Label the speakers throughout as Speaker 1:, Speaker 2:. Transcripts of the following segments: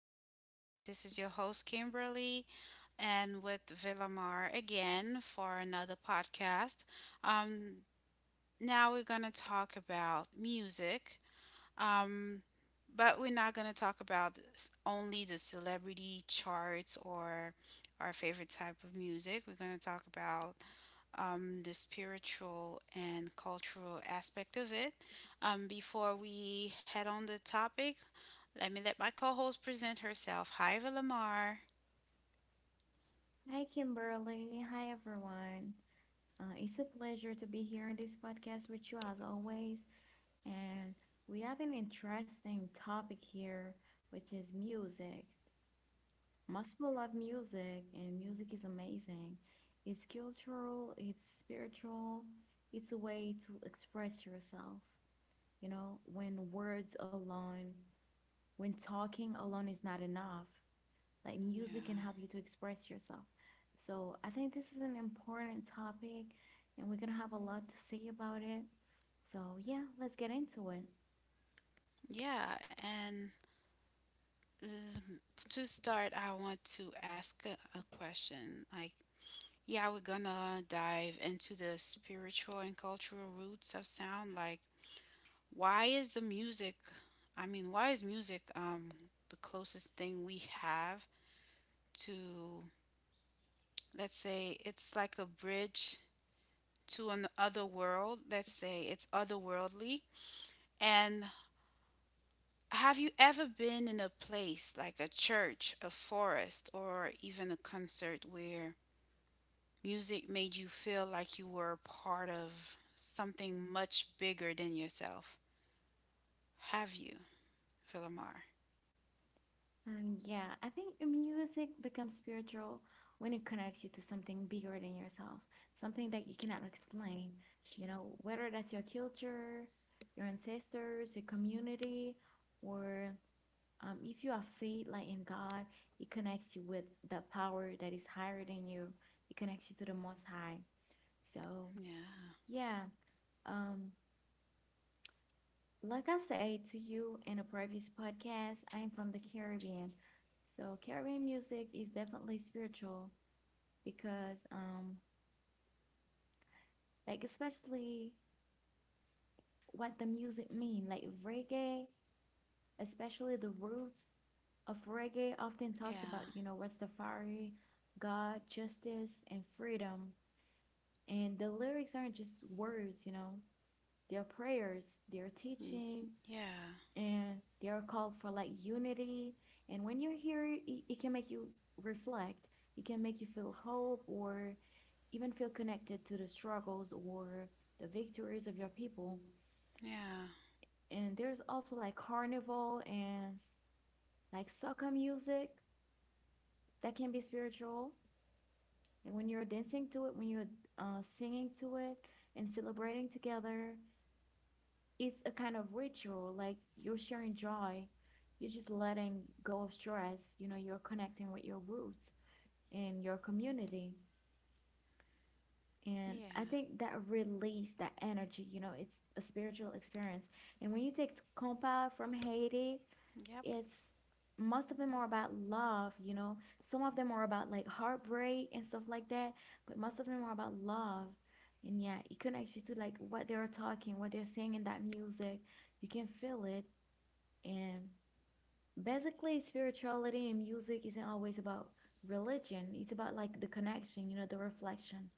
Speaker 1: Welcome back. This is your host, Kimberly, and with Villamar again for another podcast. Um, Now we're going to talk about music, um, but we're not going to talk about only the celebrity charts or our favorite type of music. We're going to talk about the spiritual and cultural aspect of it. Before we head on the topic, let me let my co host present herself. Hi, Villamar.
Speaker 2: Hi, Kimberly. Hi, everyone. It's a pleasure to be here in this podcast with you as always. And we have an interesting topic here, which is music. Most people love music, and music is amazing. It's cultural, it's spiritual, it's a way to express yourself. You know, when words alone, when talking alone is not enough. Like music can
Speaker 1: Yeah.
Speaker 2: help you to express yourself. So I think this is an important topic and we're gonna have a lot to say about it. So yeah, let's get into it.
Speaker 1: Yeah, and um, to start, I want to ask a question. Like, yeah, we're gonna dive into the spiritual and cultural roots of sound. Like, why is the music, why is music the closest thing we have to, let's say, it's like a bridge to an other world, let's say it's otherworldly. And have you ever been in a place like a church, a forest, or even a concert where music made you feel like you were a part of something much bigger than yourself? Have you, Villamar?
Speaker 2: Yeah, I think music becomes spiritual when it connects you to something bigger than yourself, something that you cannot explain. You know, whether that's your culture, your ancestors, your community, or if you are faith, like in God, it connects you with the power that is higher than you. It connects you to the Most High. So
Speaker 1: Yeah.
Speaker 2: yeah, um, like I said to you in a previous podcast, I'm from the Caribbean. So Caribbean music is definitely spiritual because like especially what the music mean, like reggae, especially the roots of reggae often talks about,
Speaker 1: Yeah.
Speaker 2: you know, Rastafari, God, justice, and freedom. And the lyrics aren't just words, you know, they're prayers, they're
Speaker 1: Mm,
Speaker 2: teaching,
Speaker 1: yeah.
Speaker 2: and they're a call for like unity. And when you hear it, can make you reflect, it can make you feel hope or even feel connected to the struggles or the victories of your people.
Speaker 1: Yeah.
Speaker 2: And there's also like carnival and like soca music that can be spiritual. And when you're dancing to it, when you're singing to it and celebrating together, it's a kind of ritual like you're sharing joy, you're just letting go of stress, you know, you're connecting with your roots and your community. And I
Speaker 1: Yeah.
Speaker 2: think that release, that energy, you know, it's a spiritual experience. And when you take compa from Haiti,
Speaker 1: Yep.
Speaker 2: it's, most of them are about love, you know. Some of them are about like heartbreak and stuff like that, but most of them are about love. And yeah, it connects you to like what they're saying in that music. You can feel it. And basically, spirituality and music isn't always about religion. It's about like the connection, you know, the reflection,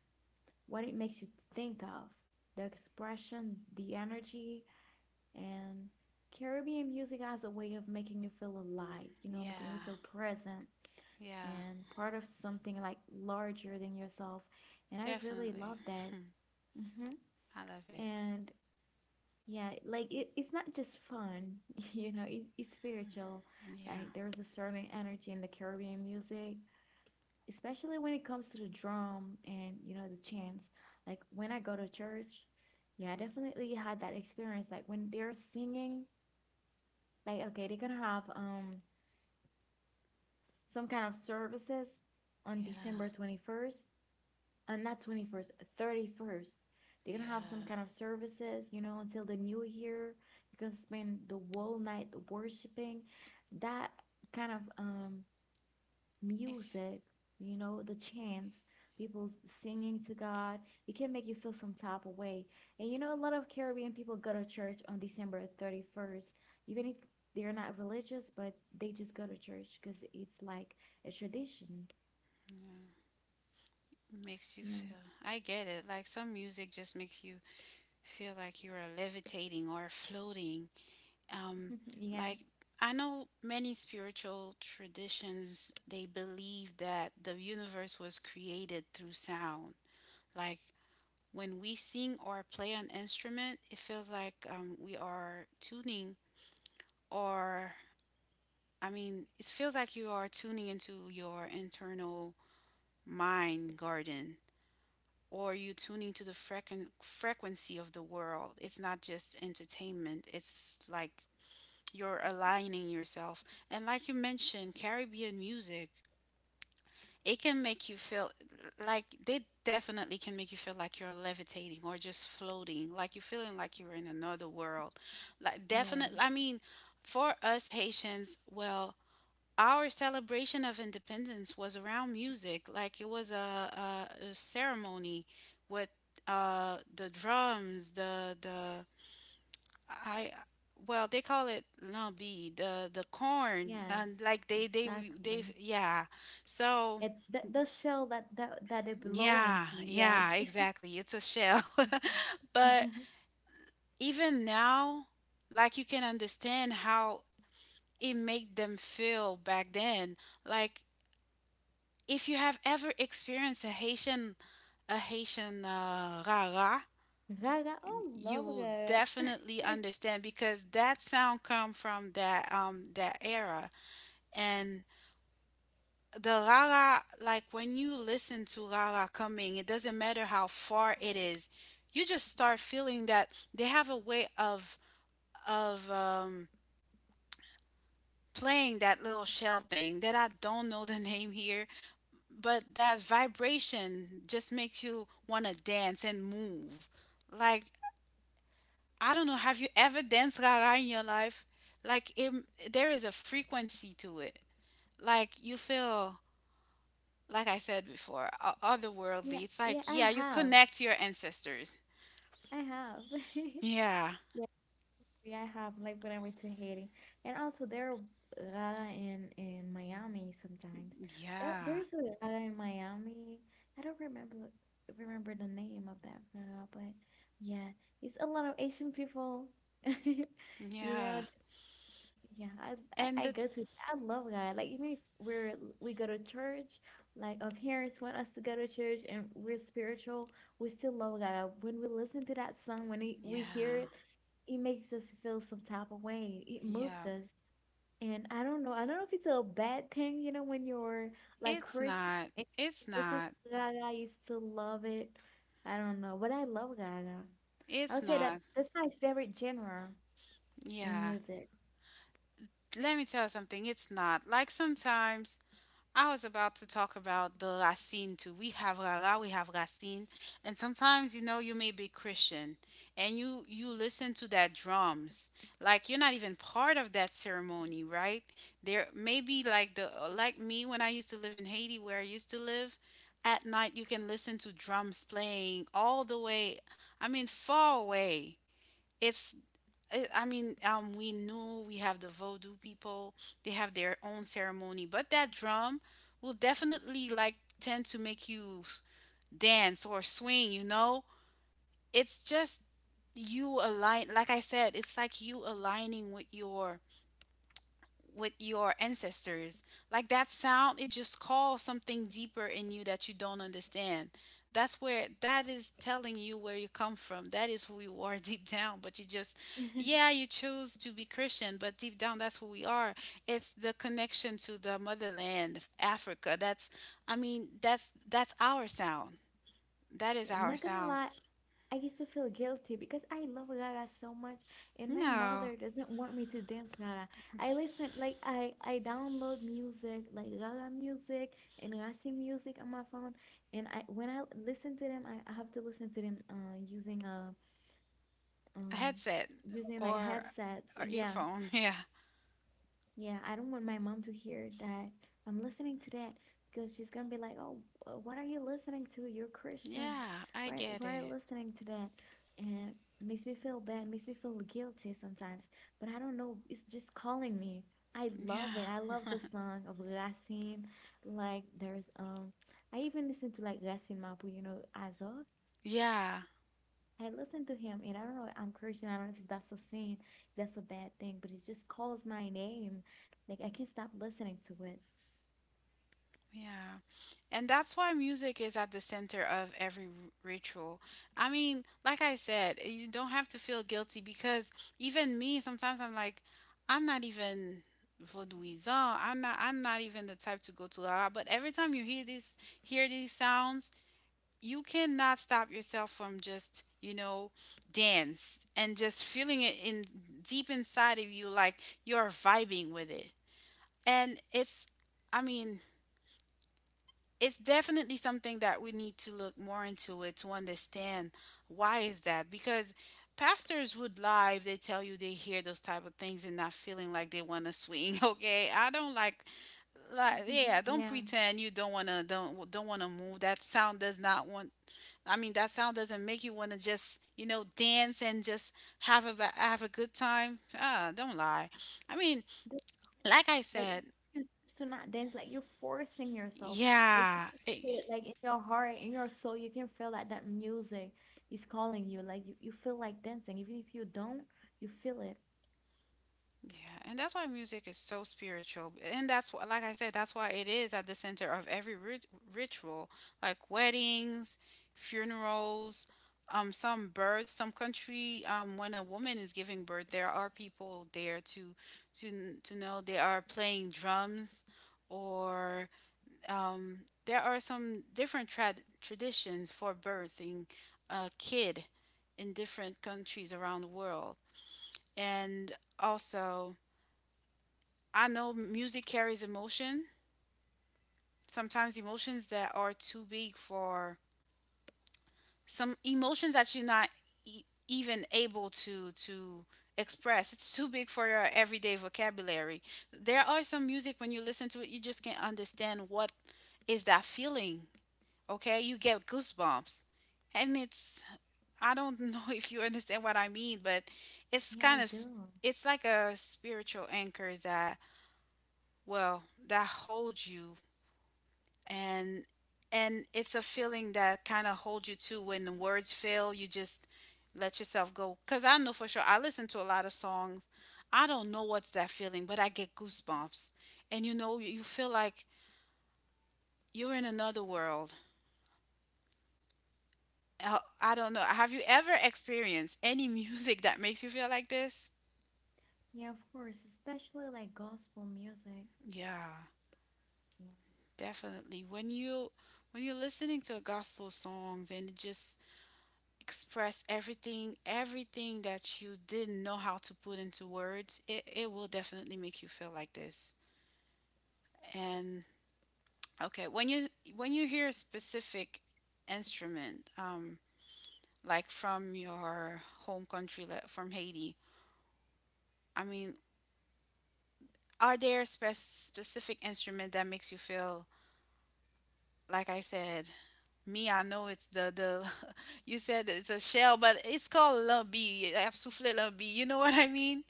Speaker 2: what it makes you think of, the expression, the energy. And Caribbean music has a way of making you feel alive, you know, making you
Speaker 1: Yeah.
Speaker 2: feel present
Speaker 1: Yeah,
Speaker 2: and part of something like larger than yourself. And I really
Speaker 1: definitely.
Speaker 2: love that. hmm
Speaker 1: I love it.
Speaker 2: And yeah, like it's not just fun, you know, it's spiritual. Like
Speaker 1: Yeah.
Speaker 2: there's a certain energy in the Caribbean music, especially when it comes to the drum and, you know, the chants. Like when I go to church, yeah, I definitely had that experience. Like when they're singing, like okay, they're gonna have some kind of services on
Speaker 1: Yeah.
Speaker 2: December 21st. and not 21st, 31st. They're gonna have some
Speaker 1: Yeah.
Speaker 2: kind of services, you know, until the new year. You can spend the whole night worshiping that kind of
Speaker 1: Makes you,
Speaker 2: music, you know, the chants, people singing to God. It can make you feel some type of way. And you know, a lot of Caribbean people go to church on December 31st, even if they're not religious, but they just go to church because it's like a tradition.
Speaker 1: yeah. Makes you
Speaker 2: Yeah.
Speaker 1: feel. I get it. Like some music just makes you feel like you are levitating or floating. Um,
Speaker 2: Yeah.
Speaker 1: like, I know many spiritual traditions, they believe that the universe was created through sound. Like, when we sing or play an instrument, it feels like, we are tuning, or it feels like you are tuning into your internal mind garden, or you tuning to the frequency of the world. It's not just entertainment, it's like you're aligning yourself. And like you mentioned, Caribbean music, it can make you feel like, they definitely can make you feel like you're levitating or just floating, like you're feeling like you're in another world. Like,
Speaker 2: Yeah.
Speaker 1: definitely, I mean, for us Haitians, well, our celebration of independence was around music. Like, it was a ceremony with the drums, the I well they call it lumpy, the corn,
Speaker 2: Yes,
Speaker 1: and like they
Speaker 2: exactly.
Speaker 1: yeah, so
Speaker 2: It th the shell that that they belong
Speaker 1: yeah,
Speaker 2: into.
Speaker 1: yeah,
Speaker 2: Yes.
Speaker 1: exactly, it's a shell. But even now, like, you can understand how it made them feel back then. Like, if you have ever experienced a Haitian rara,
Speaker 2: Gaga, oh,
Speaker 1: you
Speaker 2: love
Speaker 1: will
Speaker 2: Gaga.
Speaker 1: definitely understand, because that sound come from that that era. And the rara, like when you listen to rara coming, it doesn't matter how far it is, you just start feeling. That, they have a way of of um playing that little shell thing that I don't know the name here, but that vibration just makes you want to dance and move. Like, I don't know, have you ever danced gaga in your life? Like, it, there is a frequency to it. Like, you feel, like I said before,
Speaker 2: Yeah,
Speaker 1: otherworldly. It's like,
Speaker 2: yeah, I
Speaker 1: yeah, you
Speaker 2: have.
Speaker 1: connect to your ancestors.
Speaker 2: I have.
Speaker 1: Yeah,
Speaker 2: Yeah, yeah, I have. Like when I went to Haiti, and also there are Gaga in Miami sometimes. There,
Speaker 1: yeah,
Speaker 2: there's a Gaga in Miami. I don't remember the name of that Gaga, but yeah, it's a lot of Asian people. You know,
Speaker 1: yeah.
Speaker 2: yeah, I,
Speaker 1: And
Speaker 2: I I
Speaker 1: the,
Speaker 2: go to. I love God. Like even if we go to church, like our parents want us to go to church and we're spiritual, we still love God. When we listen to that song, when we hear
Speaker 1: yeah,
Speaker 2: it, it makes us feel some type of way. It moves
Speaker 1: yeah.
Speaker 2: us. And I don't know if it's a bad thing, you know, when you're like
Speaker 1: It's
Speaker 2: Christian
Speaker 1: not,
Speaker 2: and you
Speaker 1: it's
Speaker 2: listen
Speaker 1: not,
Speaker 2: to Gaga, you still love it. I don't know, but I love Gaga. I
Speaker 1: it's
Speaker 2: would say that
Speaker 1: not,
Speaker 2: that's my favorite genre in
Speaker 1: yeah.
Speaker 2: music.
Speaker 1: Let me tell you something, it's not. Like, sometimes I was about to talk about the Racine too. We have Rara, we have Racine, and sometimes you know you may be Christian and you listen to that drums like you're not even part of that ceremony, right? There maybe like the, like me, when I used to live in Haiti, where I used to live, at night you can listen to drums playing all the way, I mean far away. It's I mean, we know we have the Vodou people. They have their own ceremony, but that drum will definitely like tend to make you dance or swing. You know, it's just you align. Like I said, it's like you aligning with your, with your ancestors. Like, that sound, it just calls something deeper in you that you don't understand. That's where, that is telling you where you come from. That is who you are deep down. But you just, yeah, you choose to be Christian, but deep down, that's who we are. It's the connection to the motherland, Africa. That's our sound. That is
Speaker 2: Yeah, I'm
Speaker 1: our
Speaker 2: not gonna
Speaker 1: sound.
Speaker 2: lie. I used to feel guilty because I love Gaga so much, and my
Speaker 1: No,
Speaker 2: mother doesn't want me to dance Gaga. I listen like I download music like Gaga music and Rasi music on my phone, and I when I listen to them, I have to listen to them using a
Speaker 1: a
Speaker 2: um
Speaker 1: headset
Speaker 2: using like
Speaker 1: or
Speaker 2: headsets.
Speaker 1: or
Speaker 2: Yeah,
Speaker 1: earphone. Yeah,
Speaker 2: yeah, I don't want my mom to hear that I'm listening to that because she's gonna be like, "Oh, what are you listening to? You're Christian.
Speaker 1: yeah, I
Speaker 2: Why,
Speaker 1: get
Speaker 2: why are you
Speaker 1: it.
Speaker 2: listening to that?" And it makes me feel bad, makes me feel guilty sometimes. But I don't know, it's just calling me. I love it. I love
Speaker 1: Yeah.
Speaker 2: the song of Racine. Like there's I even listen to like Racine Mapu, you know, Azo.
Speaker 1: Yeah,
Speaker 2: I listened to him, and I don't know. I'm Christian. I don't know if that's a sin, if that's a bad thing, but it just calls my name. Like I can't stop listening to it.
Speaker 1: yeah. And that's why music is at the center of every ritual. I mean, like I said, you don't have to feel guilty, because even me, sometimes I'm like, I'm not even vaudouisant. I'm not even the type to go to la, but every time you hear these sounds, you cannot stop yourself from just, you know, dance and just feeling it in, deep inside of you, like you're vibing with it. And it's I mean, It's definitely something that we need to look more into it to understand why is that. Because pastors would lie if they tell you they hear those type of things and not feeling like they want to swing. Okay, I don't, like, yeah, don't
Speaker 2: Yeah.
Speaker 1: pretend you don't want to, don't want to move. That sound doesn't make you want to just, you know, dance and just have a have a good time. Ah, don't lie. I mean,
Speaker 2: That's-
Speaker 1: like I
Speaker 2: like
Speaker 1: said,
Speaker 2: you choose to not dance, like you're forcing yourself, but you
Speaker 1: yeah.
Speaker 2: can feel it, like in your heart, in your soul, you can feel that that music is calling you. Like you feel like dancing, even if you don't, you feel it.
Speaker 1: Yeah, and that's why music is so spiritual. And that's why, like I said, that's why it is at the center of every ritual, like weddings, funerals, some births, some country. When a woman is giving birth, there are people there to know, they are playing drums, or, um, there are some different traditions for birthing a kid in different countries around the world. And also, I know music carries emotion, sometimes emotions that are too big for, some emotions that you're not even able to express. It's too big for your everyday vocabulary. There are some music when you listen to it, you just can't understand what is that feeling. Okay? You get goosebumps. And it's, I don't know if you understand what I mean, but it's
Speaker 2: Yeah, I
Speaker 1: kind of
Speaker 2: do.
Speaker 1: it's like a spiritual anchor that, well, that holds you, and and it's a feeling that kind of holds you too. When the words fail, you just let yourself go, because I know for sure I listen to a lot of songs, I don't know what's that feeling, but I get goosebumps. And you know, you feel like you're in another world. I don't know, have you ever experienced any music that makes you feel like this?
Speaker 2: Yeah, of course, especially like gospel music.
Speaker 1: Yeah,
Speaker 2: Yeah.
Speaker 1: definitely. When you, when you're listening to gospel songs and it just express everything, everything that you didn't know how to put into words, it will definitely make you feel like this. And okay, when you, when you hear a specific instrument, like from your home country, like from Haiti, I mean, are there specific instrument that makes you feel, like I said, me, I know it's the you said that it's a shell, but it's called lumbee. I have souffle lumbee, you know what I mean?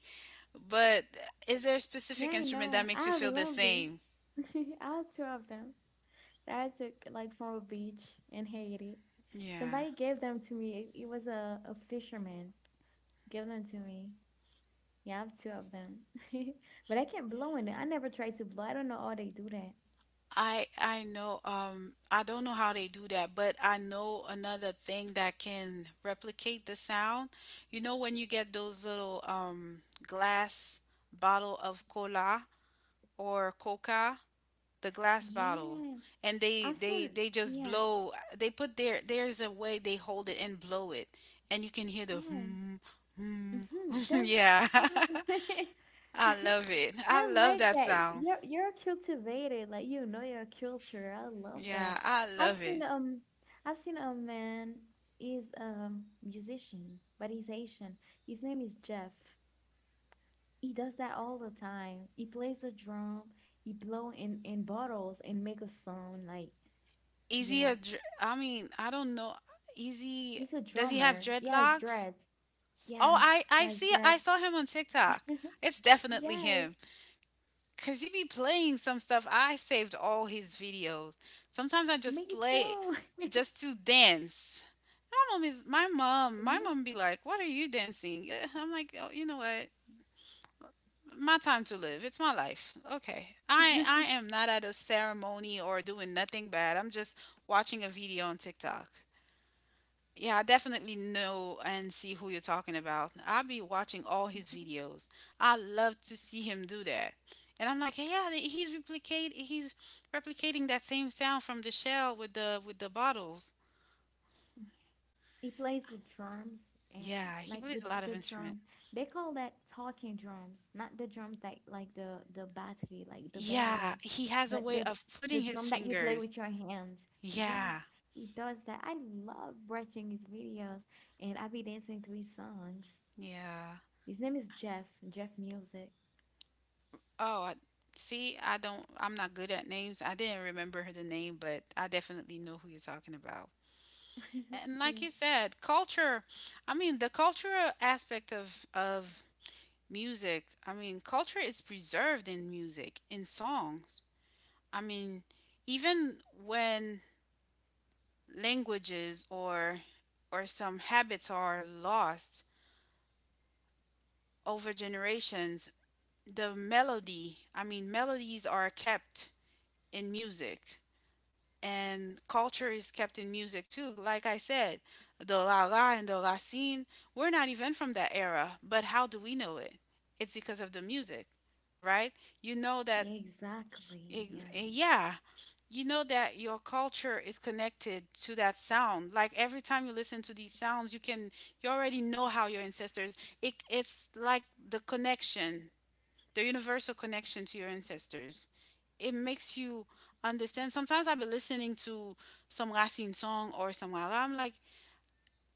Speaker 1: But is there a
Speaker 2: Yeah,
Speaker 1: specific
Speaker 2: I
Speaker 1: instrument that
Speaker 2: know.
Speaker 1: makes
Speaker 2: I
Speaker 1: you
Speaker 2: have a
Speaker 1: feel the
Speaker 2: lobby.
Speaker 1: same?
Speaker 2: I have two of them that I took like from a beach in Haiti.
Speaker 1: Yeah.
Speaker 2: Somebody gave them to me. It was a fisherman. Gave them to me. Yeah, I have two of them. But I can't blow in it. I never tried to blow. I don't know how they do that.
Speaker 1: I know, I don't know how they do that, but I know another thing that can replicate the sound. You know when you get those little glass bottle of cola or coca, the glass bottle,
Speaker 2: Yeah.
Speaker 1: and they
Speaker 2: I've
Speaker 1: they
Speaker 2: seen,
Speaker 1: they just
Speaker 2: yeah,
Speaker 1: blow. They put their, there's a way they hold it and blow it, and you can hear the
Speaker 2: yeah.
Speaker 1: hmm hmm.
Speaker 2: Mhm, that's
Speaker 1: Yeah.
Speaker 2: true.
Speaker 1: I love it. I
Speaker 2: I
Speaker 1: love
Speaker 2: like
Speaker 1: that
Speaker 2: that.
Speaker 1: sound.
Speaker 2: You're cultivated, like you know your culture. I love
Speaker 1: Yeah,
Speaker 2: that.
Speaker 1: I
Speaker 2: I've
Speaker 1: love it.
Speaker 2: seen um I've seen a man is musician, but he's Asian. His name is Jeff. He does that all the time. He plays the drum, he blow in bottles and make a sound like
Speaker 1: Is he
Speaker 2: yeah.
Speaker 1: a? I don't know. Is he?
Speaker 2: He's a
Speaker 1: Does he have
Speaker 2: drummer. He has
Speaker 1: dreadlocks?
Speaker 2: dreads.
Speaker 1: Oh,
Speaker 2: Yes,
Speaker 1: I
Speaker 2: he
Speaker 1: I
Speaker 2: has
Speaker 1: see. I
Speaker 2: dreads.
Speaker 1: saw him on TikTok. It's definitely him.
Speaker 2: Yes.
Speaker 1: Cause he be playing some stuff. I saved all his videos. Sometimes I just
Speaker 2: Me
Speaker 1: play,
Speaker 2: too.
Speaker 1: just to dance. My mom is my mom. My
Speaker 2: Me.
Speaker 1: mom be like, "What are you dancing?" Eh, I'm like, "Oh, you know what? My time to live. It's my life. Okay. I am not at a ceremony or doing nothing bad. I'm just watching a video on TikTok. Yeah, I definitely know and see who you're talking about. I'll be watching all his
Speaker 2: Mhm.
Speaker 1: videos. I love to see him do that. And I'm like, yeah, he's replicating that same sound from the shell with the bottles.
Speaker 2: He plays the drums and
Speaker 1: Yeah, he
Speaker 2: like
Speaker 1: plays a lot of
Speaker 2: the
Speaker 1: instrument.
Speaker 2: drum. They call that talking drums, not the drums that like the battery, like the
Speaker 1: Yeah,
Speaker 2: battery,
Speaker 1: he has a
Speaker 2: but
Speaker 1: way of
Speaker 2: the
Speaker 1: putting his
Speaker 2: drum that you play
Speaker 1: fingers.
Speaker 2: with your hands. Yes,
Speaker 1: Yeah.
Speaker 2: he does that. I love watching his videos and I be dancing to his songs.
Speaker 1: Yeah.
Speaker 2: His name is Jeff, Jeff Music.
Speaker 1: Oh, I see. I don't. I'm not good at names. I didn't remember her the name, but I definitely know who you're talking about. And like
Speaker 2: Yeah.
Speaker 1: you said, culture. I mean, the cultural aspect of music. I mean, culture is preserved in music, in songs. I mean, even when languages or some habits are lost over generations, the melody. I mean, melodies are kept in music, and culture is kept in music too. Like I said, the la la and the racine, we're not even from that era, but how do we know it? It's because of the music, right? You know that,
Speaker 2: Yeah, exactly. Yeah.
Speaker 1: yeah, you know that your culture is connected to that sound. Like every time you listen to these sounds, you already know how your ancestors. It's like the connection the universal connection to your ancestors. It makes you understand. Sometimes I'll be listening to some Racine song or somewhere. I'm like,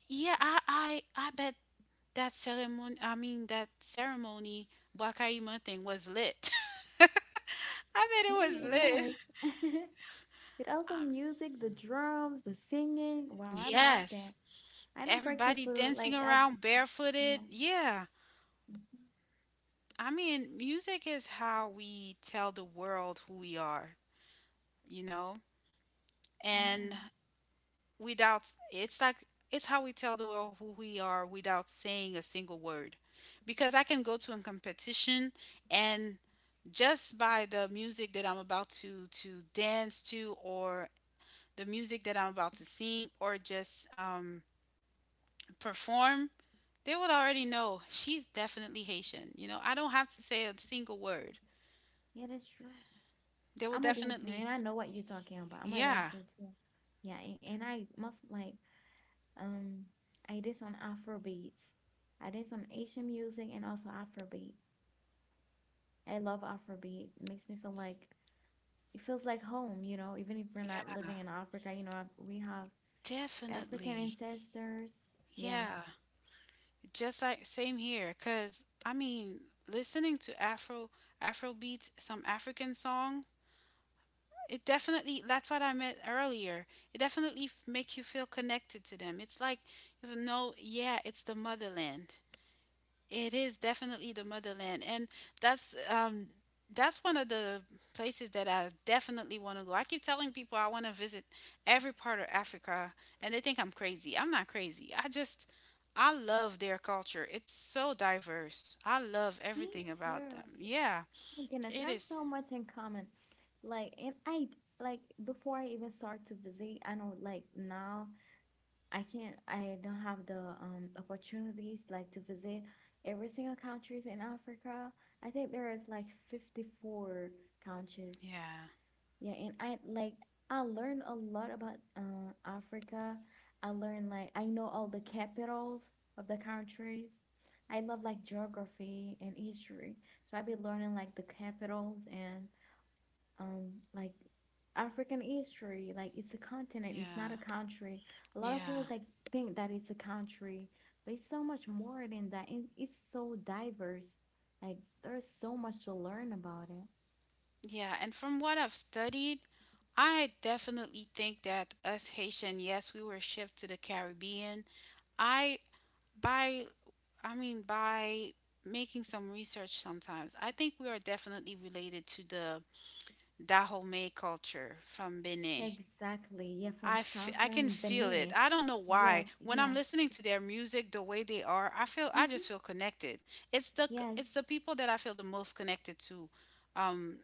Speaker 1: yeah, I bet that ceremony. I mean, that ceremony Wakaima thing was lit. I bet it
Speaker 2: Yeah, it
Speaker 1: was
Speaker 2: was.
Speaker 1: lit.
Speaker 2: With all the
Speaker 1: Um,
Speaker 2: music, the drums, the singing. Wow, I love that.
Speaker 1: yes,
Speaker 2: I don't practice
Speaker 1: everybody
Speaker 2: for
Speaker 1: dancing
Speaker 2: like I,
Speaker 1: around barefooted.
Speaker 2: yeah.
Speaker 1: Yeah,
Speaker 2: Mhm.
Speaker 1: I mean, music is how we tell the world who we are. You know, and
Speaker 2: Yeah,
Speaker 1: without it's like, it's how we tell the world who we are without saying a single word, because I can go to a competition, and just by the music that I'm about to dance to, or the music that I'm about to sing, or just perform, they would already know, she's definitely Haitian. I don't have to say a single word.
Speaker 2: yeah, that's true.
Speaker 1: They will
Speaker 2: I'm a dancer
Speaker 1: definitely.
Speaker 2: and I know what you're talking about. I'm a
Speaker 1: Yeah,
Speaker 2: dancer too. Yeah, and I must like um I did on Afrobeats. I did on Asian music and also Afrobeat. I love Afrobeat. It makes me feel like it feels like home, you know, even if we're not
Speaker 1: yeah,
Speaker 2: living in Africa, you know, I, we have African
Speaker 1: definitely,
Speaker 2: ancestors. Yeah.
Speaker 1: yeah. Just like same here, 'cause I mean, listening to Afro beats, some African songs, it definitely that's what I meant earlier. It definitely make you feel connected to them. It's like, yeah, it's the motherland. It is definitely the motherland, and that's one of the places that I definitely want to go. I keep telling people I want to visit every part of Africa, and they think I'm crazy. I'm not crazy. I love their culture. It's so diverse. I love
Speaker 2: Me
Speaker 1: everything about
Speaker 2: too.
Speaker 1: them. Yeah.
Speaker 2: My goodness, we
Speaker 1: It
Speaker 2: have so
Speaker 1: is.
Speaker 2: much in common. Like, and I like before I even start to visit, I know like now I can't, I don't have the opportunities like to visit every single countries in Africa. I think there is like 54 countries,
Speaker 1: Yeah.
Speaker 2: yeah, and I like I learned a lot about Africa. I learned like I know all the capitals of the countries. I love like geography and history, so I've been learning like the capitals and like African history. Like it's a continent, it's not a
Speaker 1: Yeah.
Speaker 2: country. A lot of
Speaker 1: Yeah.
Speaker 2: people like think that it's a country, but it's so much more than that, and it's so diverse. Like there's so much to learn about it.
Speaker 1: Yeah, and from what I've studied, I definitely think that us Haitian, yes, we were shipped to the Caribbean. I by I mean, by making some research, sometimes I think we are definitely related to the Dahomey culture from Benin.
Speaker 2: Exactly. Yeah, from
Speaker 1: I can
Speaker 2: southern
Speaker 1: feel it.
Speaker 2: Benin.
Speaker 1: I don't know
Speaker 2: Yeah,
Speaker 1: why. When I'm
Speaker 2: yeah.
Speaker 1: listening to their music, the way they are, I feel, I just feel
Speaker 2: Mm-hmm.
Speaker 1: connected.
Speaker 2: Yes,
Speaker 1: It's the people that I feel the most connected to. um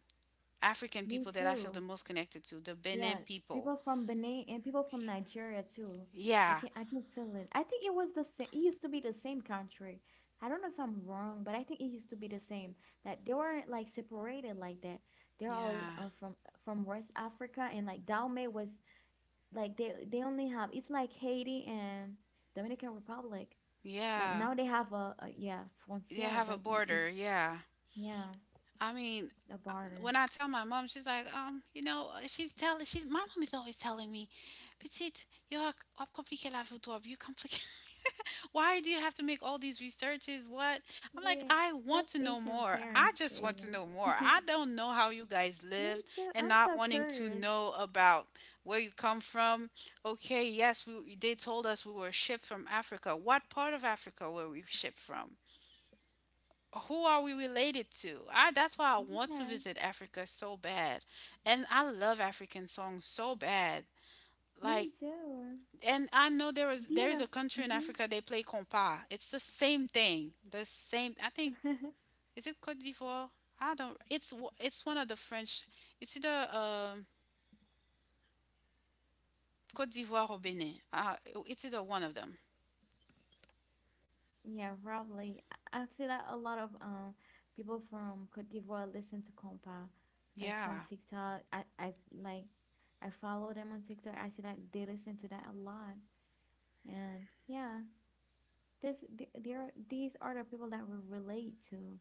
Speaker 1: African
Speaker 2: me
Speaker 1: people that I feel the
Speaker 2: too.
Speaker 1: most connected to, the
Speaker 2: Yeah,
Speaker 1: Benin people.
Speaker 2: people from Benin and people from Nigeria too. I
Speaker 1: Yeah.
Speaker 2: can I can feel it. I think it was the same. It used to be the same country. I don't know if I'm wrong, but I think it used to be the same. That they weren't like separated like that. They're all
Speaker 1: Yeah.
Speaker 2: from West Africa and like Dahomey was like they only have it's like Haiti and Dominican Republic. Like
Speaker 1: Yeah.
Speaker 2: now they have a yeah,
Speaker 1: They
Speaker 2: frontier,
Speaker 1: have
Speaker 2: but
Speaker 1: a
Speaker 2: I-
Speaker 1: border.
Speaker 2: it's
Speaker 1: Yeah.
Speaker 2: yeah,
Speaker 1: I mean,
Speaker 2: a border.
Speaker 1: when I tell my mom, she's like, she's telling, she's my mom is always telling me, "Petite, yo, hop compliqué la vie, toi, you compliqué." Why do you have to make all these researches? What? I'm like,
Speaker 2: Yeah,
Speaker 1: I want
Speaker 2: that's
Speaker 1: to know
Speaker 2: Asian
Speaker 1: more. I
Speaker 2: parents for
Speaker 1: just want to
Speaker 2: you.
Speaker 1: know more. I don't know how you guys
Speaker 2: Me
Speaker 1: lived
Speaker 2: too.
Speaker 1: and
Speaker 2: I'm
Speaker 1: not
Speaker 2: so
Speaker 1: wanting to
Speaker 2: curious.
Speaker 1: know about where you come from. Okay, yes, we they told us we were shipped from Africa. What part of Africa were we shipped from? Who are we related to? I that's why I want to
Speaker 2: Yeah,
Speaker 1: visit Africa so bad. And I love African songs so bad. Like,
Speaker 2: me too.
Speaker 1: and I know there is
Speaker 2: Do you
Speaker 1: there is
Speaker 2: know?
Speaker 1: a country in
Speaker 2: Mhm.
Speaker 1: Africa they play compa. It's the same thing. The same, I think. Is it Cote d'Ivoire? I don't It's, it's one of the French. It's either Cote d'Ivoire or Benin. It's either one of them.
Speaker 2: Yeah, probably. I've seen that a lot of people from Cote d'Ivoire listen to compa, like from
Speaker 1: Yeah.
Speaker 2: TikTok. I I follow them on TikTok. I see that they listen to that a lot, and yeah, this th- there these are the people that we relate to,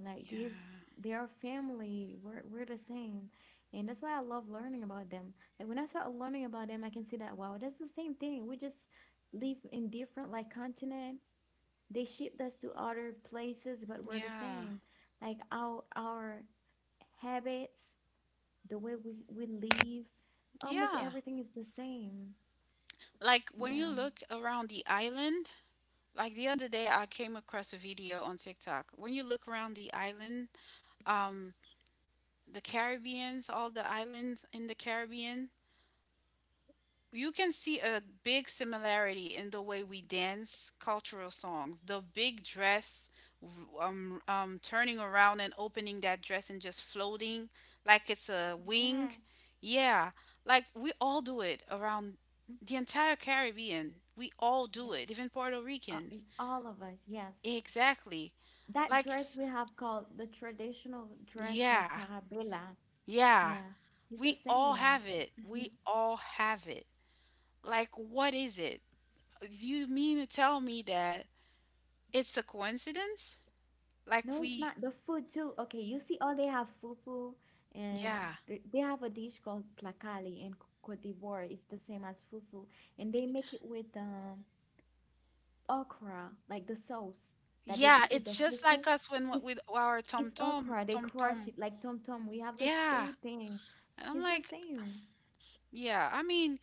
Speaker 2: like these,
Speaker 1: Yeah.
Speaker 2: they are family. We're the same, and that's why I love learning about them. Like when I start learning about them, I can see that, wow, that's the same thing. We just live in different, like, continent. They shipped us to other places, but we're the
Speaker 1: Yeah.
Speaker 2: same. Like, our habits, the way we live, almost
Speaker 1: Yeah.
Speaker 2: everything is the same.
Speaker 1: Like when you
Speaker 2: Yeah.
Speaker 1: look around the island, like the other day, I came across a video on TikTok. When you look around the island, um, the Caribbeans, all the islands in the Caribbean, you can see a big similarity in the way we dance cultural songs. The big dress, turning around and opening that dress and just floating like it's a wing.
Speaker 2: Yeah.
Speaker 1: Yeah, like we all do it around
Speaker 2: Mm,
Speaker 1: the entire Caribbean. We all do
Speaker 2: yes.
Speaker 1: it, even Puerto Ricans.
Speaker 2: All of us, yes.
Speaker 1: Exactly.
Speaker 2: That
Speaker 1: Like,
Speaker 2: dress we have called the traditional dress called
Speaker 1: yeah,
Speaker 2: carabela.
Speaker 1: yeah.
Speaker 2: Yeah, it's the
Speaker 1: We all
Speaker 2: same.
Speaker 1: have it.
Speaker 2: Mhm.
Speaker 1: We all have it. Like, what is it? Do you mean to tell me that it's a coincidence? Like,
Speaker 2: No, it's not. The food too. Okay, you see, all they have fufu, and
Speaker 1: yeah,
Speaker 2: they have a dish called placali in Cote d'Ivoire. It's the same as fufu, and they make it with okra, like the sauce that they
Speaker 1: yeah.
Speaker 2: eat with the
Speaker 1: It's just
Speaker 2: fufu.
Speaker 1: like us when,
Speaker 2: It's
Speaker 1: with our tom
Speaker 2: it's
Speaker 1: tom,
Speaker 2: okra. They
Speaker 1: tom
Speaker 2: crush
Speaker 1: tom.
Speaker 2: it like tom tom. We have the
Speaker 1: Yeah.
Speaker 2: same thing.
Speaker 1: And I'm
Speaker 2: It's the
Speaker 1: like,
Speaker 2: same.
Speaker 1: yeah. I mean,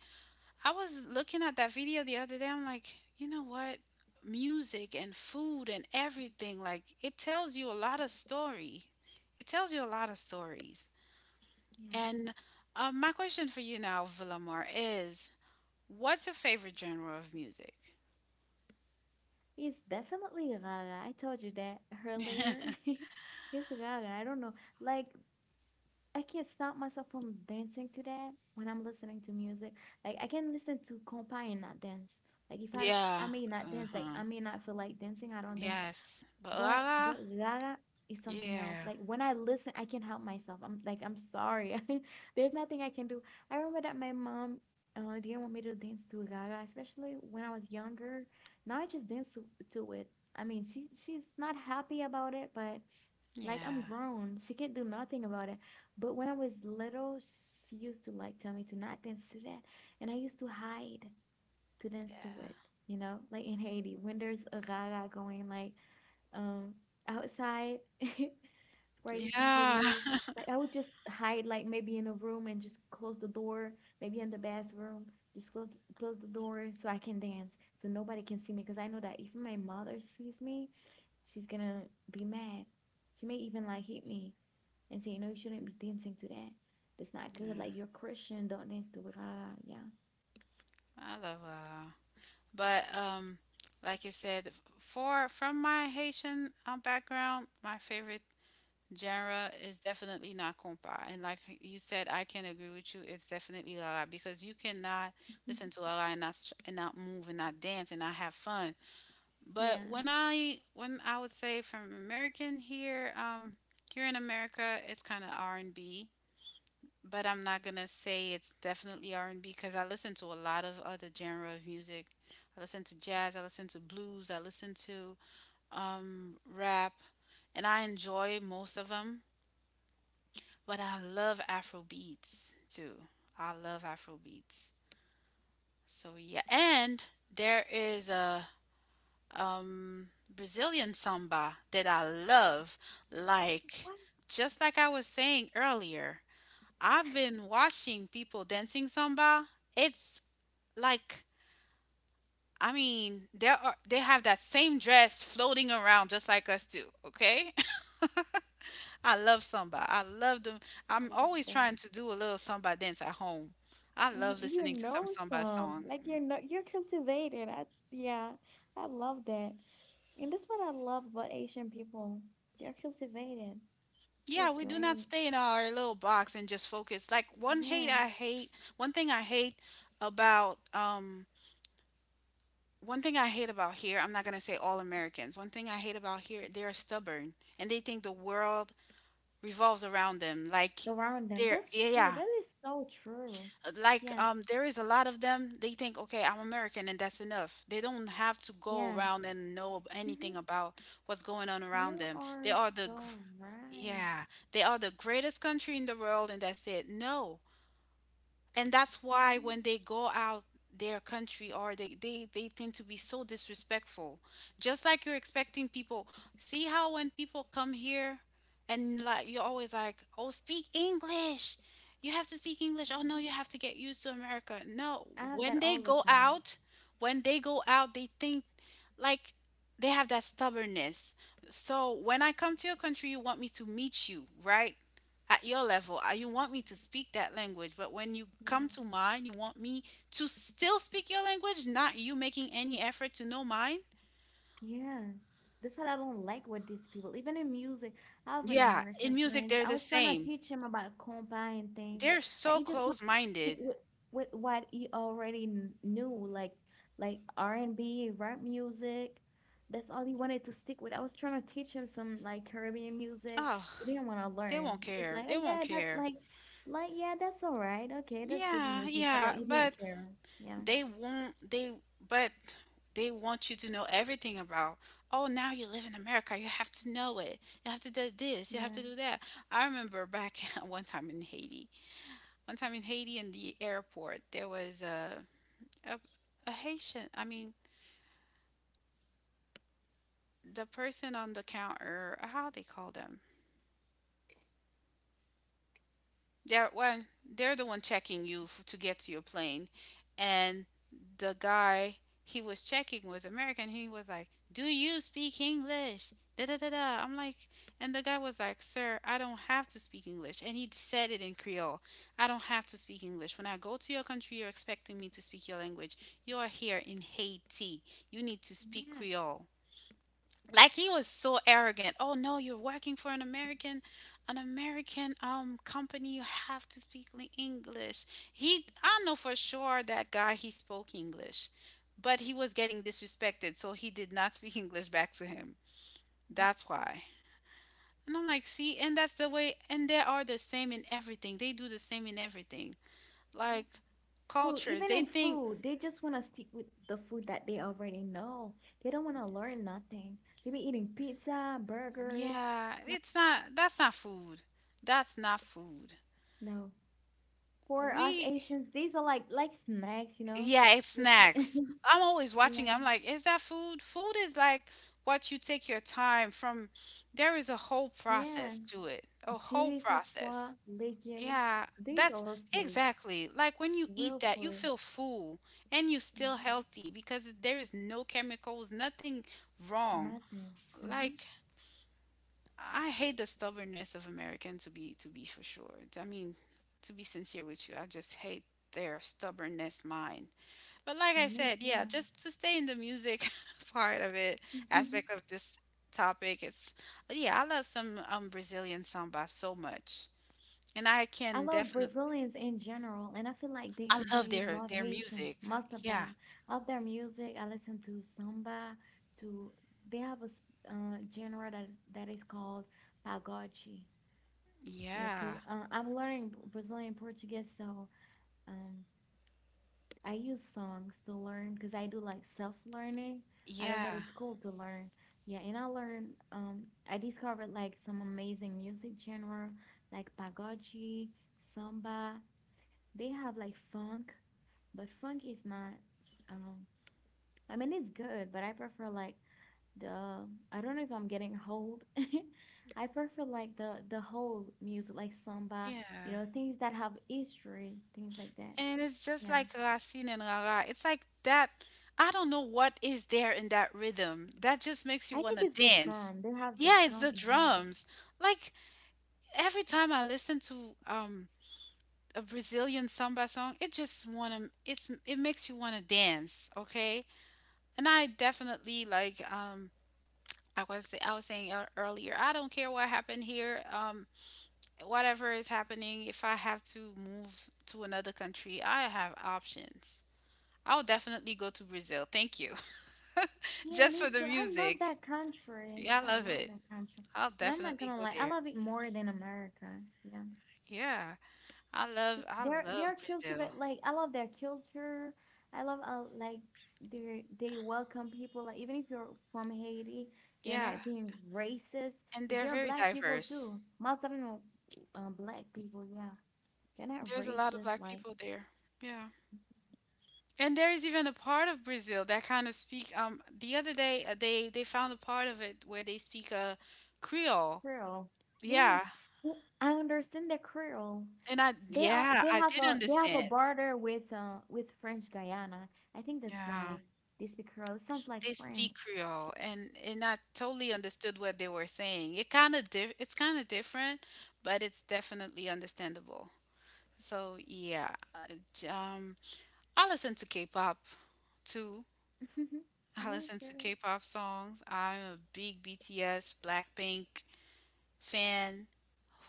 Speaker 1: I was looking at that video the other day. I'm like, you know what? Music and food and everything, like, it tells you a lot of story. It tells you a lot of stories.
Speaker 2: Yes.
Speaker 1: And my question for you now, Villamar, is, what's your favorite genre of music?
Speaker 2: It's definitely Gaga. I told you that earlier. It's Gaga. I don't know. Like, I can't stop myself from dancing to that when I'm listening to music. Like, I can listen to compa and not dance. Like, if I don't, I
Speaker 1: Yeah.
Speaker 2: may not dance. Like,
Speaker 1: Uh-huh.
Speaker 2: I may not feel like dancing. I don't dance.
Speaker 1: Yes. But
Speaker 2: But
Speaker 1: Lala?
Speaker 2: Gaga is something else.
Speaker 1: Yeah.
Speaker 2: Like, when I listen, I can't help myself. I'm like, I'm sorry. There's nothing I can do. I remember that my mom didn't want me to dance to Gaga, especially when I was younger. Now I just dance to it. I mean, she's not happy about it, but like I'm
Speaker 1: Yeah.
Speaker 2: grown. She can't do nothing about it. But when I was little, she used to like tell me to not dance to that, and I used to hide to dance to
Speaker 1: Yeah.
Speaker 2: it. You know, like in Haiti, when there's a Gaga going, like um outside where I used to
Speaker 1: Yeah.
Speaker 2: live. Like, I would just hide, like maybe in a room and just close the door, maybe in the bathroom, just close the door so I can dance so nobody can see me, because I know that if my mother sees me, she's gonna be mad. She may even like hit me and say, "No, you shouldn't be dancing to that. That's not good.
Speaker 1: Yeah.
Speaker 2: Like, you're Christian, don't dance to it." Ah, yeah.
Speaker 1: I love Lala. But like you said, for from my Haitian background, my favorite genre is definitely not compa. And like you said, I can agree with you. It's definitely la la, because you cannot listen to la la and not and not move, and not dance, and not have fun.
Speaker 2: Yeah.
Speaker 1: But when I would say, from American here, here in America, it's kind of R&B. But I'm not gonna say it's definitely R&B, because I listen to a lot of other genre of music. I listen to jazz, I listen to blues, I listen to rap, and I enjoy most of them. But I love Afro beats too. I love Afro beats. So yeah, and there is a um Brazilian samba that I love.
Speaker 2: Oh,
Speaker 1: Like,
Speaker 2: what?
Speaker 1: just like I was saying earlier, I've been watching people dancing samba. It's like, I mean, there are they have that same dress floating around just like us too, okay? I love samba. I love them.
Speaker 2: I
Speaker 1: I'm
Speaker 2: love
Speaker 1: always
Speaker 2: that.
Speaker 1: trying to do a little samba dance at home. I
Speaker 2: Mhm.
Speaker 1: love
Speaker 2: You
Speaker 1: listening to some
Speaker 2: know
Speaker 1: samba
Speaker 2: some,
Speaker 1: song.
Speaker 2: like, you're not, you're cultivated. I yeah, I love that. And that's what I love about Asian people. They're cultivated.
Speaker 1: Yeah,
Speaker 2: That's
Speaker 1: we do not
Speaker 2: great.
Speaker 1: stay in our little box and just focus. Like,
Speaker 2: Yeah.
Speaker 1: one thing I hate about um one thing I hate about here, I'm not going to say all Americans. One thing I hate about here, they are stubborn and they think the world revolves around them. Like,
Speaker 2: Around them.
Speaker 1: they're
Speaker 2: That's
Speaker 1: yeah,
Speaker 2: true.
Speaker 1: yeah,
Speaker 2: That is so true.
Speaker 1: like
Speaker 2: Yes.
Speaker 1: there is a lot of them. They think, okay, I'm American, and that's enough. They don't have to go
Speaker 2: Yeah.
Speaker 1: around and know anything
Speaker 2: Mm-hmm.
Speaker 1: about what's going on around
Speaker 2: You
Speaker 1: them. They
Speaker 2: are
Speaker 1: are the
Speaker 2: so
Speaker 1: gr-
Speaker 2: right.
Speaker 1: Yeah, they are the greatest country in the world, and that's it. No. And that's why
Speaker 2: Mm-hmm.
Speaker 1: when they go out their country, or they tend to be so disrespectful. Just like, you're expecting people, see how, when people come here, and like you're always like, "Oh, speak English, you have to speak English." Oh,
Speaker 2: Yeah.
Speaker 1: no, you have to get used to America. No.
Speaker 2: I have
Speaker 1: When
Speaker 2: that
Speaker 1: they
Speaker 2: all the
Speaker 1: go
Speaker 2: time.
Speaker 1: out, when they go out, they think, like, they have that stubbornness. So when I come to your country, you want me to meet you, right, at your level. You want me to speak that language, but when you come
Speaker 2: Yes.
Speaker 1: to mine, you want me to still speak your language, not you making any effort to know mine?
Speaker 2: Yeah, that's what I don't like with these people. Even in music, I have an
Speaker 1: Yeah, in
Speaker 2: American
Speaker 1: music,
Speaker 2: friends.
Speaker 1: they're
Speaker 2: I
Speaker 1: the
Speaker 2: was trying to
Speaker 1: same.
Speaker 2: teach him about compa and things.
Speaker 1: They're
Speaker 2: Like,
Speaker 1: so
Speaker 2: he just wanted
Speaker 1: close
Speaker 2: to stick
Speaker 1: minded.
Speaker 2: with what he already knew, like R and B, rap music. That's all he wanted to stick with. I was trying to teach him some like Caribbean music.
Speaker 1: Oh,
Speaker 2: He didn't want to
Speaker 1: they
Speaker 2: learn.
Speaker 1: won't
Speaker 2: He was
Speaker 1: care.
Speaker 2: like,
Speaker 1: They
Speaker 2: oh
Speaker 1: won't
Speaker 2: yeah, that's
Speaker 1: care.
Speaker 2: like yeah, that's all right. Okay, that's good
Speaker 1: Yeah,
Speaker 2: music. But
Speaker 1: yeah,
Speaker 2: like, he didn't
Speaker 1: but
Speaker 2: care. Yeah.
Speaker 1: they won't, but they want you to know everything about. Oh, now you live in America, you have to know it. You have to do this. You have
Speaker 2: Yeah.
Speaker 1: to do that. I remember back one time in Haiti, One time in Haiti in the airport, there was a, a Haitian. I mean, the person on the counter, how they call them? they're one they're the one checking you to get to your plane, and the guy he was checking was American. He was like, "Do you speak English, da da da da?" I'm like... and the guy was like, "Sir, I don't have to speak English," and he said it in Creole. "I don't have to speak English. When I go to your country, you're expecting me to speak your language. You are here in Haiti. You need to speak
Speaker 2: Yeah.
Speaker 1: Creole." Like, he was so arrogant. "Oh, no, you're working for an American company. You have to speak English." he I know for sure that guy, he spoke English, but he was getting disrespected, so he did not speak English back to him.
Speaker 2: Yeah.
Speaker 1: That's why. And I'm like, see? And that's the way. And they are the same in everything. They do the same in everything.
Speaker 2: Yeah.
Speaker 1: Like,
Speaker 2: Food,
Speaker 1: cultures,
Speaker 2: even
Speaker 1: they
Speaker 2: in
Speaker 1: think,
Speaker 2: food, they just want to stick with the food that they already know. They don't want to learn nothing. They be eating pizza, burgers.
Speaker 1: yeah,
Speaker 2: Like,
Speaker 1: it's not that's not food. That's not food.
Speaker 2: no. For us
Speaker 1: We
Speaker 2: Asians, these are like snacks, you know?
Speaker 1: Yeah, it's
Speaker 2: We
Speaker 1: snacks. I'm always watching.
Speaker 2: yeah.
Speaker 1: I'm like, is that food? Food is like what you take your time from. There is a whole
Speaker 2: Yeah.
Speaker 1: process to it, a whole
Speaker 2: Chili sauce,
Speaker 1: process.
Speaker 2: pho, legume.
Speaker 1: Yeah,
Speaker 2: These
Speaker 1: that's
Speaker 2: are our food,
Speaker 1: exactly like when you eat
Speaker 2: real
Speaker 1: that, you
Speaker 2: food.
Speaker 1: feel full, and you still
Speaker 2: Hmm.
Speaker 1: healthy because there is no chemicals, nothing wrong.
Speaker 2: Nothing. Mm-hmm.
Speaker 1: Like, I hate the stubbornness of Americans, to be, for sure. I mean, to be sincere with you, I just hate their stubbornness mind. But like
Speaker 2: Yeah,
Speaker 1: I
Speaker 2: me
Speaker 1: said, yeah, just to stay in the music part of it,
Speaker 2: too.
Speaker 1: aspect of this topic, it's Yeah, I love some Brazilian samba so much. And I
Speaker 2: I
Speaker 1: can
Speaker 2: love
Speaker 1: definitely
Speaker 2: Brazilians in general, and I feel like
Speaker 1: I love
Speaker 2: they
Speaker 1: their
Speaker 2: love
Speaker 1: their
Speaker 2: Haitians,
Speaker 1: music.
Speaker 2: most of
Speaker 1: Yeah.
Speaker 2: them. I love their music. I listen to samba, to, they have a genre that that is called pagode. Yeah, 'cause,
Speaker 1: Yeah.
Speaker 2: I'm learning Brazilian Portuguese, so um, I use songs to learn because I do like self-learning. I don't
Speaker 1: Yeah.
Speaker 2: go to school to learn. Yeah, and I learned I discovered like some amazing music genre, like pagode, samba. They have like funk, but funk is not. Um, I mean, it's good, but I prefer like the. I don't know if I'm getting old. I prefer like the whole music, like samba. You
Speaker 1: Yeah.
Speaker 2: know, things that have history, things like that.
Speaker 1: And it's just
Speaker 2: Yeah,
Speaker 1: like Racine and Rara. It's like that I don't know what is there in that rhythm. That just makes you
Speaker 2: I
Speaker 1: want
Speaker 2: think
Speaker 1: to
Speaker 2: it's the
Speaker 1: dance.
Speaker 2: drum. They have the
Speaker 1: Yeah, it's
Speaker 2: drum.
Speaker 1: the
Speaker 2: Yes.
Speaker 1: drums. Like every time I listen to a Brazilian samba song, it just wanna it's it makes you wanna dance, okay? And I definitely like I was saying ear- earlier, I don't care what happened here, whatever is happening, if I have to move to another country, I have options. I'll definitely go to Brazil. Thank you.
Speaker 2: Yeah,
Speaker 1: Just for
Speaker 2: me
Speaker 1: the
Speaker 2: too. I love
Speaker 1: music.
Speaker 2: that country.
Speaker 1: Yeah, I
Speaker 2: I
Speaker 1: love
Speaker 2: love
Speaker 1: it.
Speaker 2: that country.
Speaker 1: I'll
Speaker 2: And I'm not
Speaker 1: definitely
Speaker 2: gonna
Speaker 1: go
Speaker 2: lie, I
Speaker 1: there.
Speaker 2: love it more than America. Yeah.
Speaker 1: Yeah.
Speaker 2: Just
Speaker 1: I love
Speaker 2: they're
Speaker 1: Brazil.
Speaker 2: cultivate, like I love their culture. I love like they welcome people, like even if you're from Haiti, they're
Speaker 1: Yeah.
Speaker 2: not being racist
Speaker 1: And
Speaker 2: because
Speaker 1: they're
Speaker 2: there are
Speaker 1: very
Speaker 2: black people
Speaker 1: diverse.
Speaker 2: too. Most of them are black people, yeah. They're not
Speaker 1: There's a lot of
Speaker 2: racist
Speaker 1: black
Speaker 2: like
Speaker 1: people there. Yeah. And there is even a part of Brazil that kind of speak the other day they found a part of it where they speak a Creole.
Speaker 2: Creole.
Speaker 1: Yeah.
Speaker 2: Yes. I understand the Creole.
Speaker 1: And I
Speaker 2: They are
Speaker 1: yeah, I did
Speaker 2: they have a
Speaker 1: understand.
Speaker 2: border with French Guyana. I think that's why
Speaker 1: Yeah.
Speaker 2: they speak Creole. It sounds like
Speaker 1: They speak
Speaker 2: French.
Speaker 1: Creole and I totally understood what they were saying. It it's kind of different, but it's definitely understandable. So, yeah. I listen to K-pop too. I
Speaker 2: Me
Speaker 1: listen to
Speaker 2: too.
Speaker 1: K-pop songs. I'm a big BTS, Blackpink fan.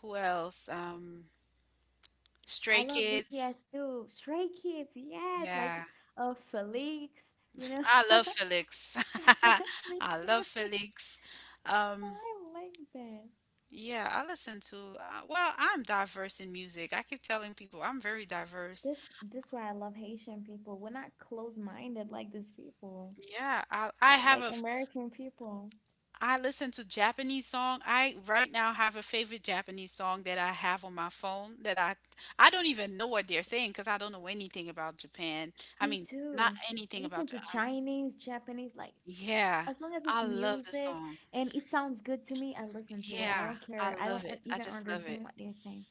Speaker 1: Who else? Stray
Speaker 2: I love
Speaker 1: Kids.
Speaker 2: BTS too. Stray Kids, yes, like
Speaker 1: Yeah,
Speaker 2: Felix, you know.
Speaker 1: I love Felix.
Speaker 2: Me
Speaker 1: I
Speaker 2: too.
Speaker 1: love Felix. Um,
Speaker 2: I like that.
Speaker 1: yeah, I listen to. Well, I'm diverse in music. I keep telling people I'm very diverse.
Speaker 2: This why I love Haitian people. We're not close minded like these people.
Speaker 1: Yeah, I have
Speaker 2: Like
Speaker 1: a
Speaker 2: American people.
Speaker 1: I listen to Japanese song. I right now have a favorite Japanese song that I have on my phone that I don't even know what they're saying because I don't know anything about Japan. I
Speaker 2: Me
Speaker 1: mean, not
Speaker 2: too. I
Speaker 1: anything
Speaker 2: listen
Speaker 1: about
Speaker 2: to
Speaker 1: Japan.
Speaker 2: Chinese, Japanese, like,
Speaker 1: Yeah,
Speaker 2: as long as it's
Speaker 1: I love the
Speaker 2: music
Speaker 1: song.
Speaker 2: and it sounds good to me, I listen to it. I
Speaker 1: Yeah,
Speaker 2: don't
Speaker 1: I
Speaker 2: care. I don't
Speaker 1: love it. I
Speaker 2: even
Speaker 1: just love it.
Speaker 2: understand what they're saying.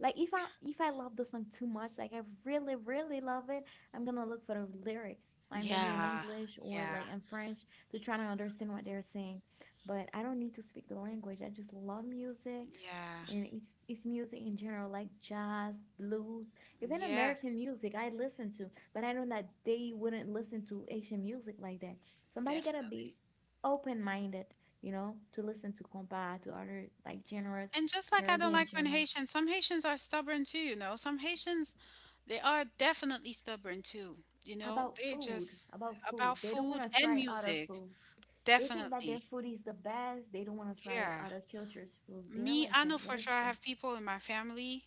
Speaker 2: Like, if I love the song too much, like I really love it, I'm gonna look for the lyrics, like maybe in
Speaker 1: Yeah,
Speaker 2: English or
Speaker 1: yeah,
Speaker 2: like in French to try to understand what they're saying. But I don't need to speak the language. I just love music,
Speaker 1: yeah.
Speaker 2: and it's music in general, like jazz, blues, even
Speaker 1: Yes,
Speaker 2: American music I listen to. But I know that they wouldn't listen to Asian music like that. Somebody gotta be open-minded, you know, to listen to compa, to other like genres,
Speaker 1: And just like I don't
Speaker 2: Caribbean
Speaker 1: like when
Speaker 2: genres.
Speaker 1: Haitians, some Haitians are stubborn too, you know. Some Haitians, they are definitely stubborn too, you know.
Speaker 2: about
Speaker 1: They
Speaker 2: food
Speaker 1: just
Speaker 2: about food
Speaker 1: about
Speaker 2: they don't want
Speaker 1: food
Speaker 2: to
Speaker 1: and
Speaker 2: try other
Speaker 1: music,
Speaker 2: food. They think that
Speaker 1: definitely.
Speaker 2: their food is the best. They don't want to try
Speaker 1: Yeah.
Speaker 2: other cultures food. They're
Speaker 1: Me,
Speaker 2: like
Speaker 1: I
Speaker 2: that.
Speaker 1: know
Speaker 2: Yeah,
Speaker 1: for
Speaker 2: that's
Speaker 1: sure I
Speaker 2: true.
Speaker 1: have people in my family,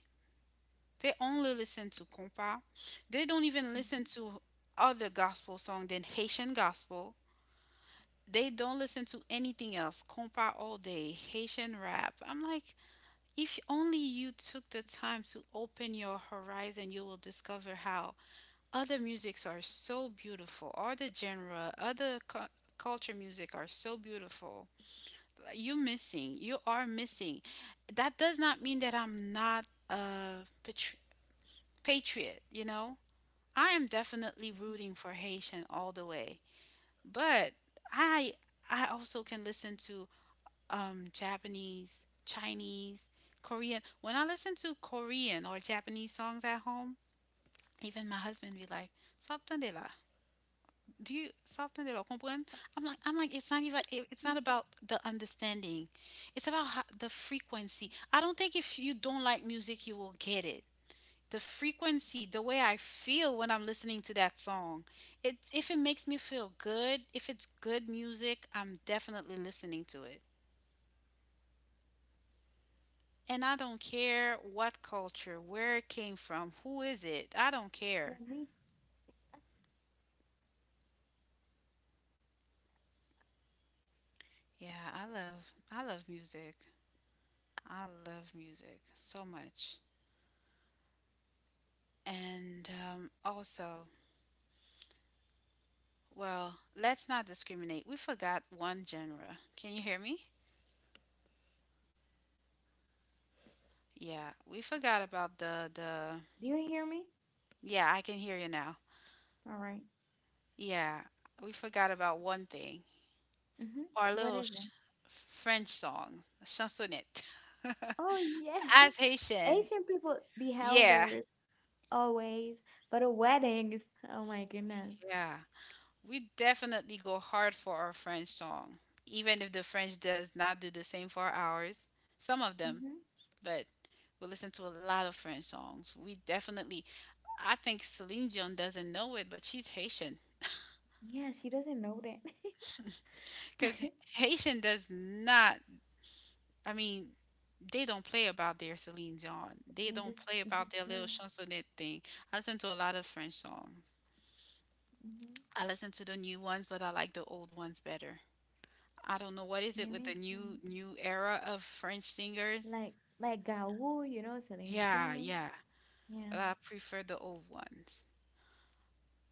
Speaker 1: they only listen to compa. They don't even listen
Speaker 2: Hmm.
Speaker 1: to other gospel song than Haitian gospel. They don't listen to anything else. Compa all day, Haitian rap. I'm like, if only you took the time to open your horizon, you will discover how other musics are so beautiful, other genre, other culture music are so beautiful. You are missing. That does not mean that I'm not a patri- patriot, you know? I am definitely rooting for Haitian all the way. But I I also can listen to Japanese, Chinese, Korean. When I listen to Korean or Japanese songs at home, even my husband be like, "Sabtandela, do you sabtandela comprend?" I'm like, It's not about the understanding. It's about the frequency. I don't think if you don't like music, you will get it. The frequency, the way I feel when I'm listening to that song. It If it makes me feel good, if it's good music, I'm definitely listening to it. And I don't care what culture, where it came from, who is it? I don't
Speaker 2: Yeah,
Speaker 1: care.
Speaker 2: me.
Speaker 1: Yeah, I love music. I love music so much. And also, well, let's not discriminate. We forgot one genre. Can you hear me? Yeah, we forgot about the
Speaker 2: Do you hear me?
Speaker 1: Yeah, I can hear you now.
Speaker 2: All right.
Speaker 1: Yeah, we forgot about one thing.
Speaker 2: Mm-hmm.
Speaker 1: Our
Speaker 2: What
Speaker 1: little
Speaker 2: is it?
Speaker 1: French song, chansonnette.
Speaker 2: Oh, yes.
Speaker 1: As Haitian,
Speaker 2: Asian people, the
Speaker 1: yeah,
Speaker 2: elders, always. But at weddings, oh my goodness.
Speaker 1: yeah. We definitely go hard for our French song, even if the French does not do the same for ours. Some of them,
Speaker 2: Mm-hmm.
Speaker 1: but we listen to a lot of French songs. We definitely, I think Celine Dion doesn't know it, but she's Haitian.
Speaker 2: Yeah, she doesn't know that.
Speaker 1: Because Haitian does not, I mean, they don't play about their Celine Dion. They
Speaker 2: Yeah,
Speaker 1: don't play about
Speaker 2: this
Speaker 1: their little
Speaker 2: true.
Speaker 1: chansonnette thing. I listen to a lot of French songs.
Speaker 2: Mm-hmm.
Speaker 1: I listen to the new ones, but I like the old ones better. I don't know what is
Speaker 2: Yeah,
Speaker 1: it with
Speaker 2: me
Speaker 1: the
Speaker 2: too.
Speaker 1: new new era of French singers.
Speaker 2: Like like Gawu, you know, Celine
Speaker 1: Yeah,
Speaker 2: Dion.
Speaker 1: yeah.
Speaker 2: Yeah,
Speaker 1: But I prefer the old ones.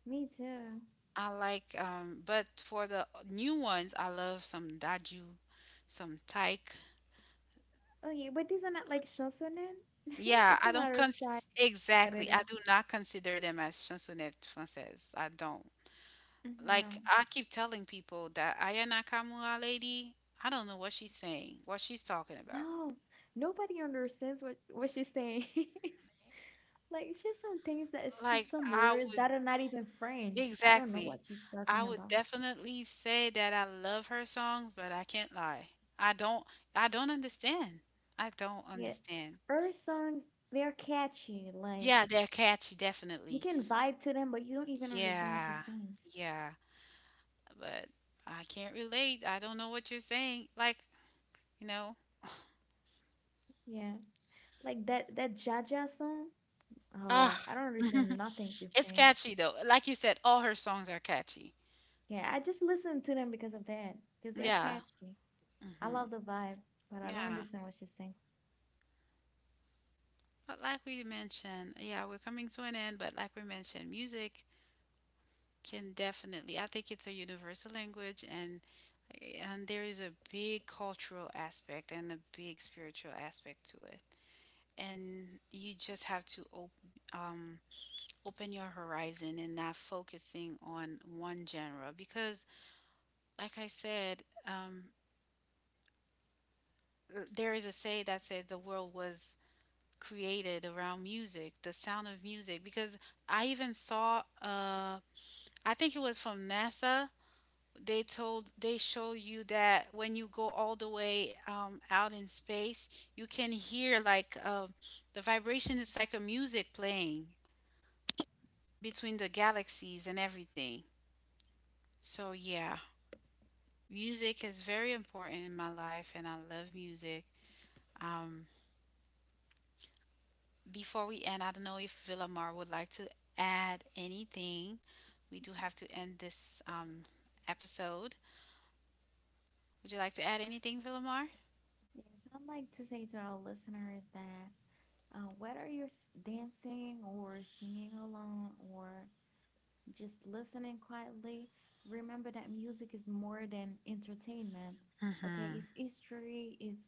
Speaker 2: me too.
Speaker 1: I like but for the new ones I love some Daju, some Taïk.
Speaker 2: Okay, but these are not like shosonen. It's
Speaker 1: Yeah, I don't
Speaker 2: another
Speaker 1: cons
Speaker 2: style. Of what it
Speaker 1: exactly.
Speaker 2: is?
Speaker 1: I do not consider them as chansonnettes françaises. I don't.
Speaker 2: Mhm.
Speaker 1: Like
Speaker 2: No,
Speaker 1: I keep telling people that Aya Nakamura lady, I don't know what she's saying, what she's talking about.
Speaker 2: no, nobody understands what she's saying. Like, it's just some things, that it's just
Speaker 1: Like
Speaker 2: some
Speaker 1: I
Speaker 2: words
Speaker 1: would
Speaker 2: that are not even French. I don't know
Speaker 1: Exactly.
Speaker 2: what she's
Speaker 1: I
Speaker 2: talking
Speaker 1: would
Speaker 2: about.
Speaker 1: definitely say that I love her songs, but I can't lie. I don't I don't understand. I don't
Speaker 2: Yeah.
Speaker 1: understand.
Speaker 2: Her songs, they're catchy. Like,
Speaker 1: Yeah, they're catchy,
Speaker 2: you
Speaker 1: definitely.
Speaker 2: can vibe to them, but you don't even understand what she's
Speaker 1: Yeah.
Speaker 2: saying.
Speaker 1: Yeah. But I can't relate. I don't know what you're saying. Like, you know,
Speaker 2: Yeah. Like that that Jaja song.
Speaker 1: ah,
Speaker 2: Oh, I don't understand nothing she's
Speaker 1: it's
Speaker 2: saying.
Speaker 1: catchy though. Like you said, all her songs are catchy.
Speaker 2: Yeah, I just listen to them because of that. Because they're
Speaker 1: Yeah.
Speaker 2: catchy. I
Speaker 1: Hmm.
Speaker 2: love the vibe, but I don't
Speaker 1: Yeah.
Speaker 2: understand what she's saying.
Speaker 1: But like we mentioned, yeah, we're coming to an end, but like we mentioned, music can definitely, I think it's a universal language, and there is a big cultural aspect and a big spiritual aspect to it, and you just have to um, open your horizon and not focusing on one genre because like I said, um, there is a say that says the world was created around music, the sound of music, because I even saw, I think it was from NASA. They told, they show you that when you go all the way out in space, you can hear like, the vibration is like a music playing between the galaxies and everything. So yeah, music is very important in my life and I love music. um, before we end, I don't know if Villamar would like to add anything. We do have to end this episode. Would you like to add anything, Villamar?
Speaker 2: Yes, I'd like to say to our listeners that whether you're dancing or singing along or just listening quietly, remember that music is more than entertainment. Okay,
Speaker 1: Mm-hmm.
Speaker 2: it's history, it's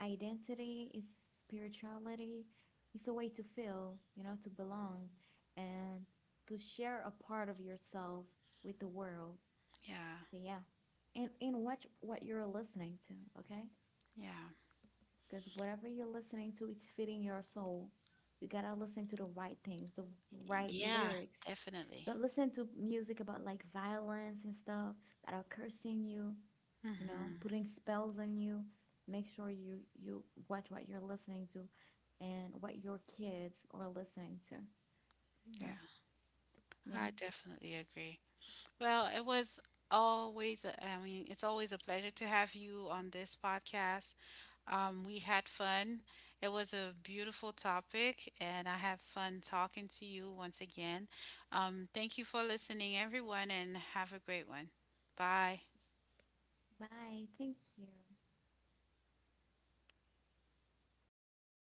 Speaker 2: identity, it's spirituality, it's a way to feel, you know, to belong and to share a part of yourself with the world.
Speaker 1: Yeah.
Speaker 2: So yeah, and watch what you're listening to. Okay,
Speaker 1: Yeah.
Speaker 2: because whatever you're listening to, it's feeding your soul. You gotta listen to the right things, the right
Speaker 1: Yeah,
Speaker 2: lyrics.
Speaker 1: definitely.
Speaker 2: Don't listen to music about like violence and stuff that are cursing you, you know,
Speaker 1: Hmm.
Speaker 2: putting spells on you. Make sure you watch what you're listening to and what your kids are listening to. So
Speaker 1: Yeah,
Speaker 2: yeah.
Speaker 1: I definitely agree. Well, it was always, I mean, it's always a pleasure to have you on this podcast. We had fun. It was a beautiful topic, and I have fun talking to you once again. Thank you for listening, everyone, and have a great one. Bye.
Speaker 2: Bye. Thank you.